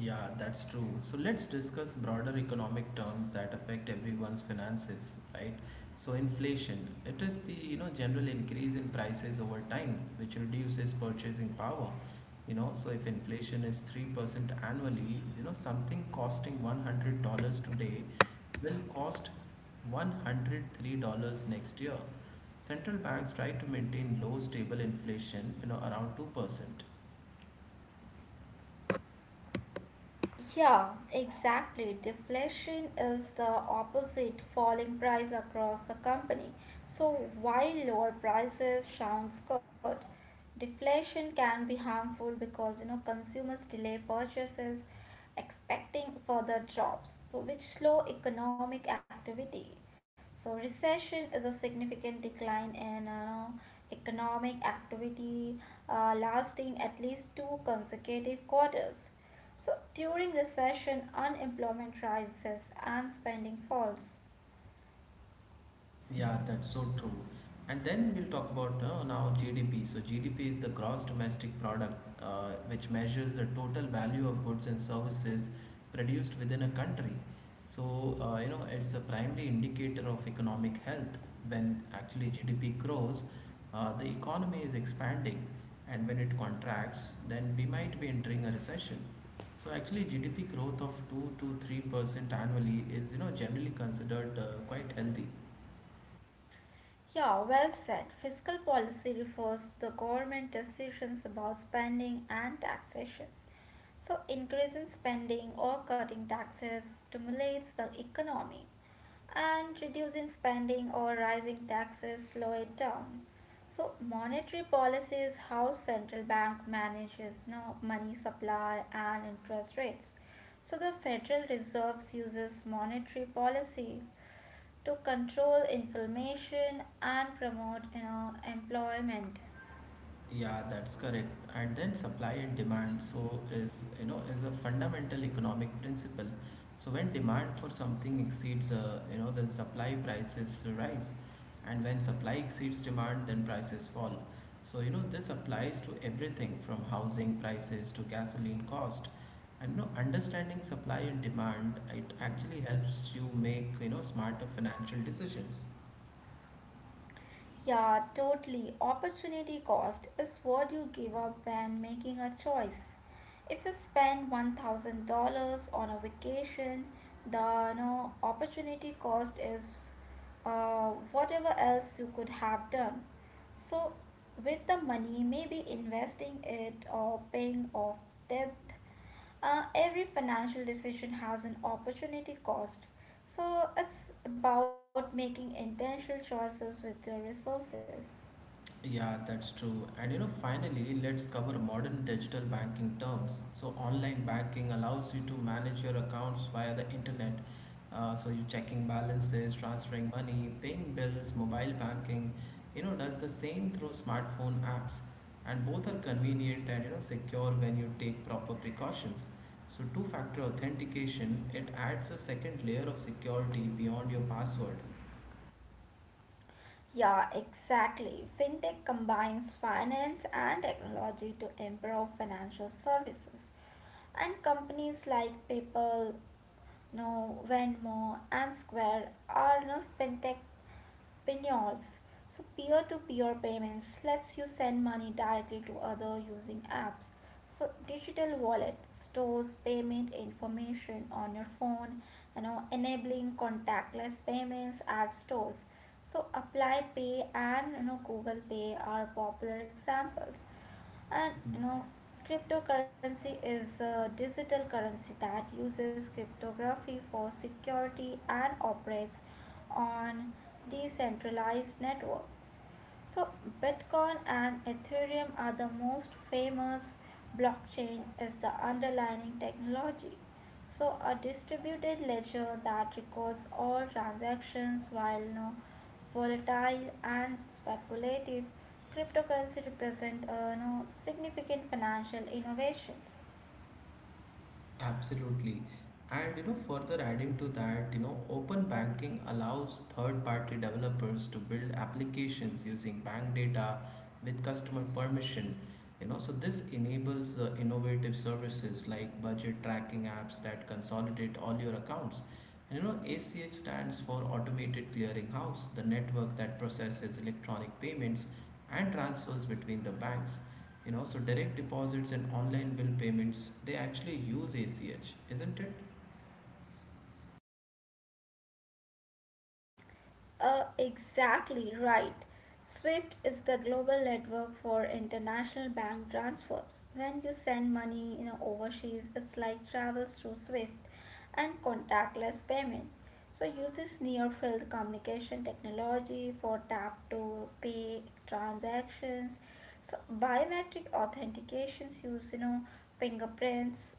Speaker 1: Yeah, that's true. So let's discuss broader economic terms that affect everyone's finances, right? So inflation, it is the, you know, general increase in prices over time, which reduces purchasing power. You know, so if inflation is three percent annually, you know, something costing one hundred dollars today will cost one hundred three dollars next year. Central banks try to maintain low stable inflation, you know, around two percent.
Speaker 2: Yeah, exactly. Deflation is the opposite falling price across the company. So while lower prices sounds good, deflation can be harmful because you know consumers delay purchases expecting further jobs, so which slow economic activity. So recession is a significant decline in uh, economic activity uh, lasting at least two consecutive quarters. So during recession, unemployment rises and spending falls.
Speaker 1: Yeah, that's so true. And then we'll talk about uh, now G D P. So G D P is the gross domestic product, uh, which measures the total value of goods and services produced within a country. So uh, you know it's a primary indicator of economic health. When actually G D P grows, uh, the economy is expanding, and when it contracts, then we might be entering a recession. So actually, G D P growth of two to three percent annually is you know generally considered uh, quite healthy.
Speaker 2: Yeah, well said. Fiscal policy refers to the government decisions about spending and taxations. So increasing spending or cutting taxes stimulates the economy, and reducing spending or rising taxes slow it down. So monetary policy is how central bank manages now money supply and interest rates. So the Federal Reserve uses monetary policy to control inflation and promote you know, employment.
Speaker 1: Yeah, that's correct. And then supply and demand so is you know is a fundamental economic principle. So when demand for something exceeds uh, you know then supply prices rise and when supply exceeds demand then prices fall. So you know this applies to everything from housing prices to gasoline cost. And you know understanding supply and demand it actually helps you make you know smarter financial decisions.
Speaker 2: Yeah, totally. Opportunity cost is what you give up when making a choice. If you spend one thousand dollars on a vacation, the no opportunity cost is uh, whatever else you could have done. So, with the money, maybe investing it or paying off debt, uh, every financial decision has an opportunity cost. So it's about making intentional choices with your resources.
Speaker 1: Yeah, that's true. And you know, finally, let's cover modern digital banking terms. So, online banking allows you to manage your accounts via the internet. Uh, so, you checking balances, transferring money, paying bills, mobile banking, you know, does the same through smartphone apps. And both are convenient and you know, secure when you take proper precautions. So, two factor authentication, it adds a second layer of security beyond your password.
Speaker 2: Yeah, exactly. Fintech combines finance and technology to improve financial services. And companies like PayPal, no, Venmo, and Square are no fintech Pinyos. So peer-to-peer payments lets you send money directly to other using apps. So digital wallet stores payment information on your phone, you know, enabling contactless payments at stores. So Apply Pay and you know Google Pay are popular examples. And you know cryptocurrency is a digital currency that uses cryptography for security and operates on decentralized networks. So, Bitcoin and Ethereum are the most famous blockchain as the underlying technology. So, a distributed ledger that records all transactions while no volatile and speculative cryptocurrency represent uh, no significant financial innovations.
Speaker 1: Absolutely. And you know, further adding to that, you know, open banking allows third-party developers to build applications using bank data with customer permission, you know, so this enables uh, innovative services like budget tracking apps that consolidate all your accounts. And you know ach stands for automated clearinghouse, the network that processes electronic payments and transfers between the banks. You know, so direct deposits and online bill payments they actually use ach, isn't it?
Speaker 2: Uh, exactly right. SWIFT is the global network for international bank transfers. When you send money you know, overseas, it's like travels through SWIFT and contactless payment. So uses near field communication technology for tap to pay transactions. So biometric authentications use you know fingerprints,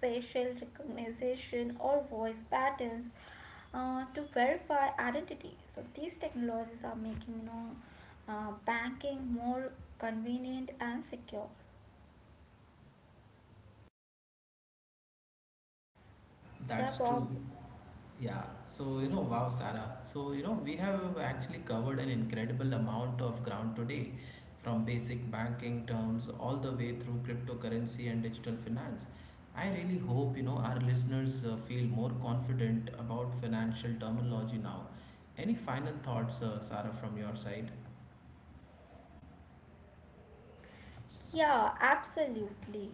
Speaker 2: facial recognition or voice patterns uh, to verify identity. So these technologies are making you know uh, banking more convenient and secure. Yeah,
Speaker 1: That's true.
Speaker 2: Bob.
Speaker 1: Yeah. So, you know, wow, Sarah. So, you know, we have actually covered an incredible amount of ground today, from basic banking terms all the way through cryptocurrency and digital finance. I really hope, you know, our listeners uh, feel more confident about financial terminology now. Any final thoughts, uh, Sarah, from your side?
Speaker 2: Yeah, absolutely.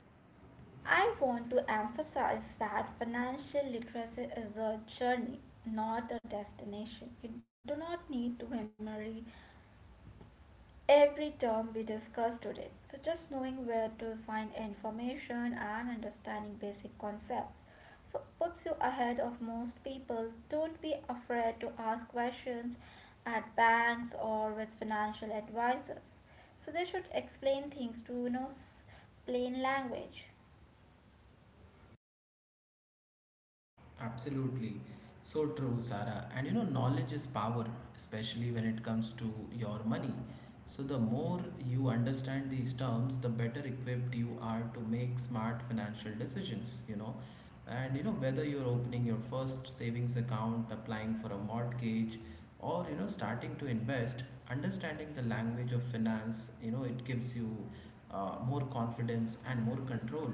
Speaker 2: I want to emphasize that financial literacy is a journey, not a destination. You do not need to memory every term we discussed today. So, just knowing where to find information and understanding basic concepts. So, puts you ahead of most people. Don't be afraid to ask questions at banks or with financial advisors. So, they should explain things to you know plain language.
Speaker 1: Absolutely. So true, Sarah. And you know, knowledge is power, especially when it comes to your money. So, the more you understand these terms, the better equipped you are to make smart financial decisions, you know. And you know, whether you're opening your first savings account, applying for a mortgage, or you know, starting to invest, understanding the language of finance, you know, it gives you uh, more confidence and more control.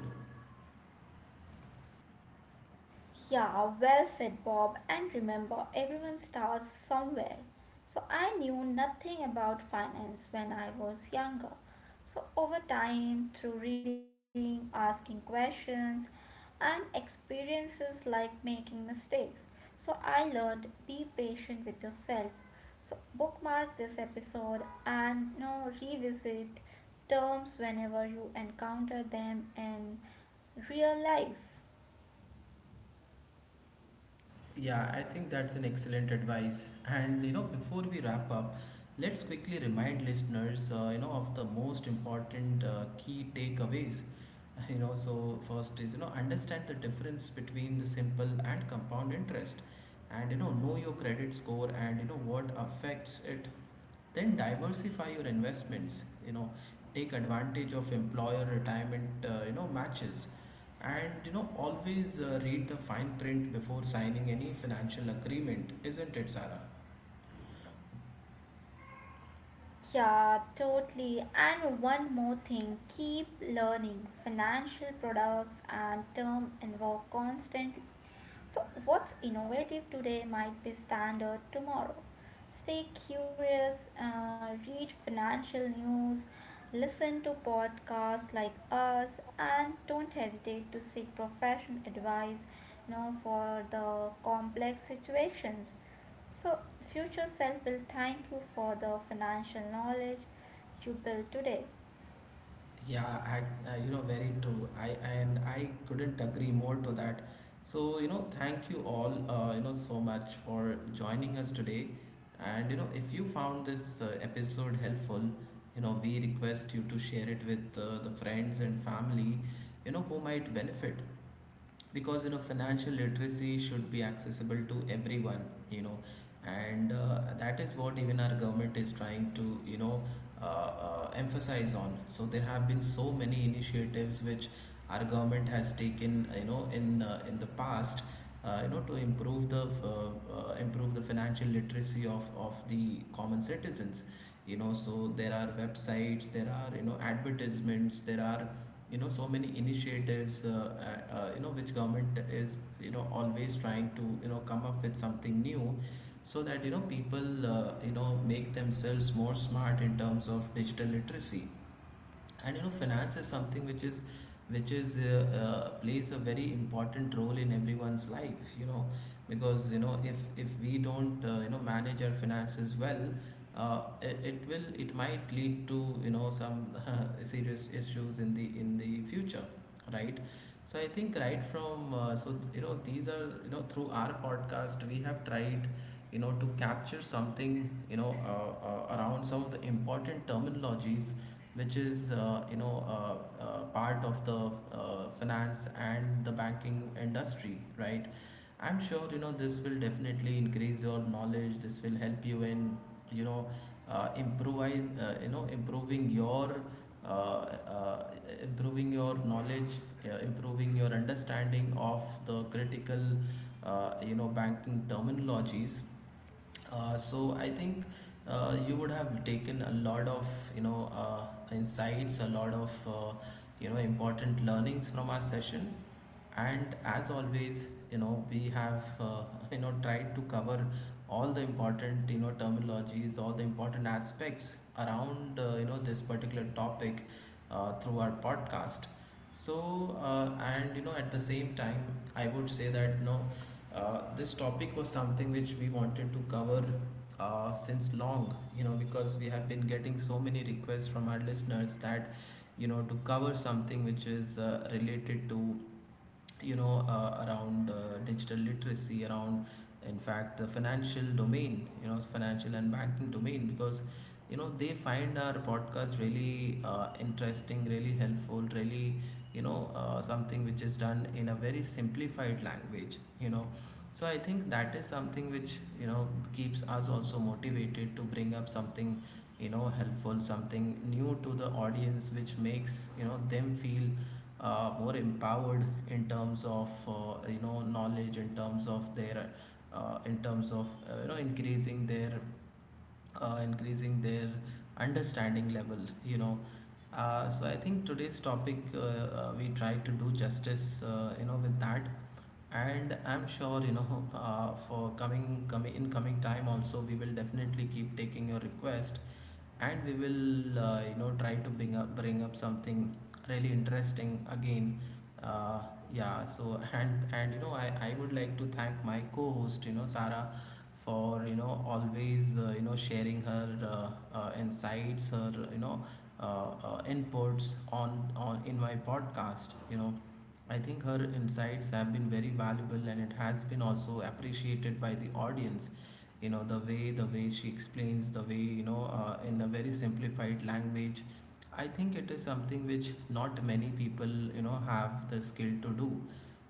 Speaker 2: Yeah, well said, Bob. And remember, everyone starts somewhere. So I knew nothing about finance when I was younger. So over time, through reading, asking questions, and experiences like making mistakes, so I learned be patient with yourself. So bookmark this episode and you know, revisit terms whenever you encounter them in real life.
Speaker 1: Yeah, I think that's an excellent advice. And you know, before we wrap up, let's quickly remind listeners, uh, you know, of the most important uh, key takeaways. (laughs) You know, so first is you know understand the difference between the simple and compound interest, and you know know your credit score and you know what affects it, then diversify your investments, you know, take advantage of employer retirement uh, you know matches and you know always uh, read the fine print before signing any financial agreement, isn't it, sarah?
Speaker 2: Yeah, totally. And one more thing keep learning. Financial products and term involve constant, so what's innovative today might be standard tomorrow. Stay curious, uh, read financial news, listen to podcasts like us, and don't hesitate to seek professional advice you know, for the complex situations. So, future self will thank you for the financial knowledge you built today.
Speaker 1: Yeah, I, uh, you know, very true. I and I couldn't agree more to that. So, you know, thank you all, uh, you know, so much for joining us today. And you know, if you found this uh, episode helpful, you know, we request you to share it with uh, the friends and family, you know, who might benefit because you know financial literacy should be accessible to everyone, you know, and uh, that is what even our government is trying to you know uh, uh, emphasize on. So there have been so many initiatives which our government has taken uh, you know in uh, in the past, uh, you know to improve the f- uh, uh, improve the financial literacy of of the common citizens, you know, so there are websites, there are you know advertisements, there are you know so many initiatives uh, uh, uh, you know which government is you know always trying to you know come up with something new so that you know people uh, you know make themselves more smart in terms of digital literacy. And you know finance is something which is which is uh, uh, plays a very important role in everyone's life, you know, because you know if if we don't uh, you know manage our finances well, uh, it, it will, it might lead to you know some (laughs) serious issues in the in the future, right? So I think right from uh, so you know these are you know through our podcast we have tried, you know, to capture something, you know, uh, uh, around some of the important terminologies which is uh, you know uh, uh, part of the uh, finance and the banking industry, right? I'm sure you know this will definitely increase your knowledge, this will help you in you know uh, improvise, uh, you know improving your uh, uh, improving your knowledge, uh, improving your understanding of the critical, uh, you know, banking terminologies. Uh, so I think uh, you would have taken a lot of you know uh, insights, a lot of uh, you know important learnings from our session. And as always you know we have uh, (laughs) you know tried to cover all the important you know terminologies, all the important aspects around uh, you know this particular topic uh, through our podcast. So uh, and you know at the same time I would say that no, uh, this topic was something which we wanted to cover uh, since long, you know, because we have been getting so many requests from our listeners that, you know, to cover something which is uh, related to, you know, uh, around uh, digital literacy, around, in fact, the financial domain, you know, financial and banking domain, because you know they find our podcast really uh, interesting, really helpful, really you know uh, something which is done in a very simplified language, you know, so I think that is something which you know keeps us also motivated to bring up something you know helpful, something new to the audience, which makes you know them feel uh, more empowered in terms of uh, you know knowledge, in terms of their uh, in terms of uh, you know increasing their uh, increasing their understanding level, you know. Uh, so I think today's topic uh, uh, we try to do justice uh, you know with that. And I'm sure you know (laughs) uh, for coming coming in coming time also we will definitely keep taking your request and we will uh, you know try to bring up bring up something really interesting again. uh, yeah, so and and you know I, I would like to thank my co-host, you know, Sarah, for you know always uh, you know sharing her uh, uh, insights, her you know uh, uh, inputs on on in my podcast, you know, I think her insights have been very valuable and it has been also appreciated by the audience. You know, the way the way she explains, the way, you know, uh, in a very simplified language. I think it is something which not many people, you know, have the skill to do.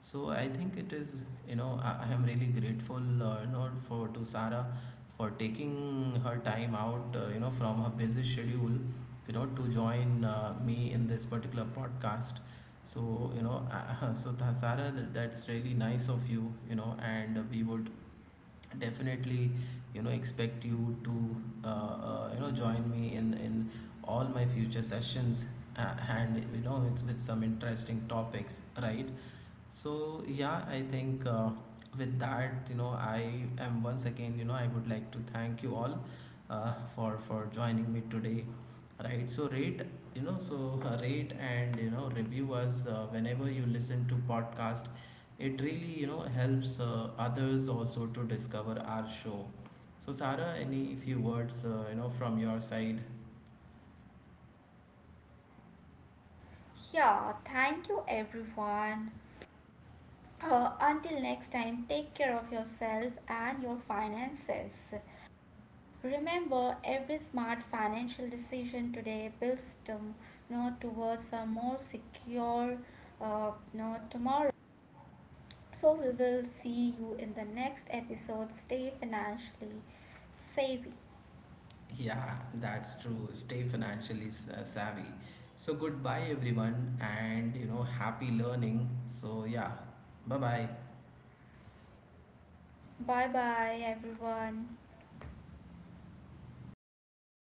Speaker 1: So I think it is, you know, I, I am really grateful, uh, you know, for to Sarah for taking her time out, uh, you know, from her busy schedule, you know, to join uh, me in this particular podcast. So, you know, uh, (laughs) so Tha- Sara, th- that's really nice of you, you know, and we would definitely, you know, expect you to, uh, uh, you know, join me in in all my future sessions, uh, and you know, it's with some interesting topics, right? So yeah, I think uh, with that, you know, I am once again, you know, I would like to thank you all uh, for for joining me today. Right. So rate, you know, so uh, rate and you know review us uh, whenever you listen to podcast. It really you know helps uh, others also to discover our show. So Sarah, any few words uh, you know from your side?
Speaker 2: Yeah, thank you everyone. Uh, until next time, take care of yourself and your finances. Remember, every smart financial decision today builds to, you know, towards a more secure uh, you know, tomorrow. So, we will see you in the next episode. Stay financially savvy.
Speaker 1: Yeah, that's true. Stay financially s- uh, savvy. So goodbye everyone and you know happy learning. So yeah. Bye bye.
Speaker 2: Bye bye, everyone.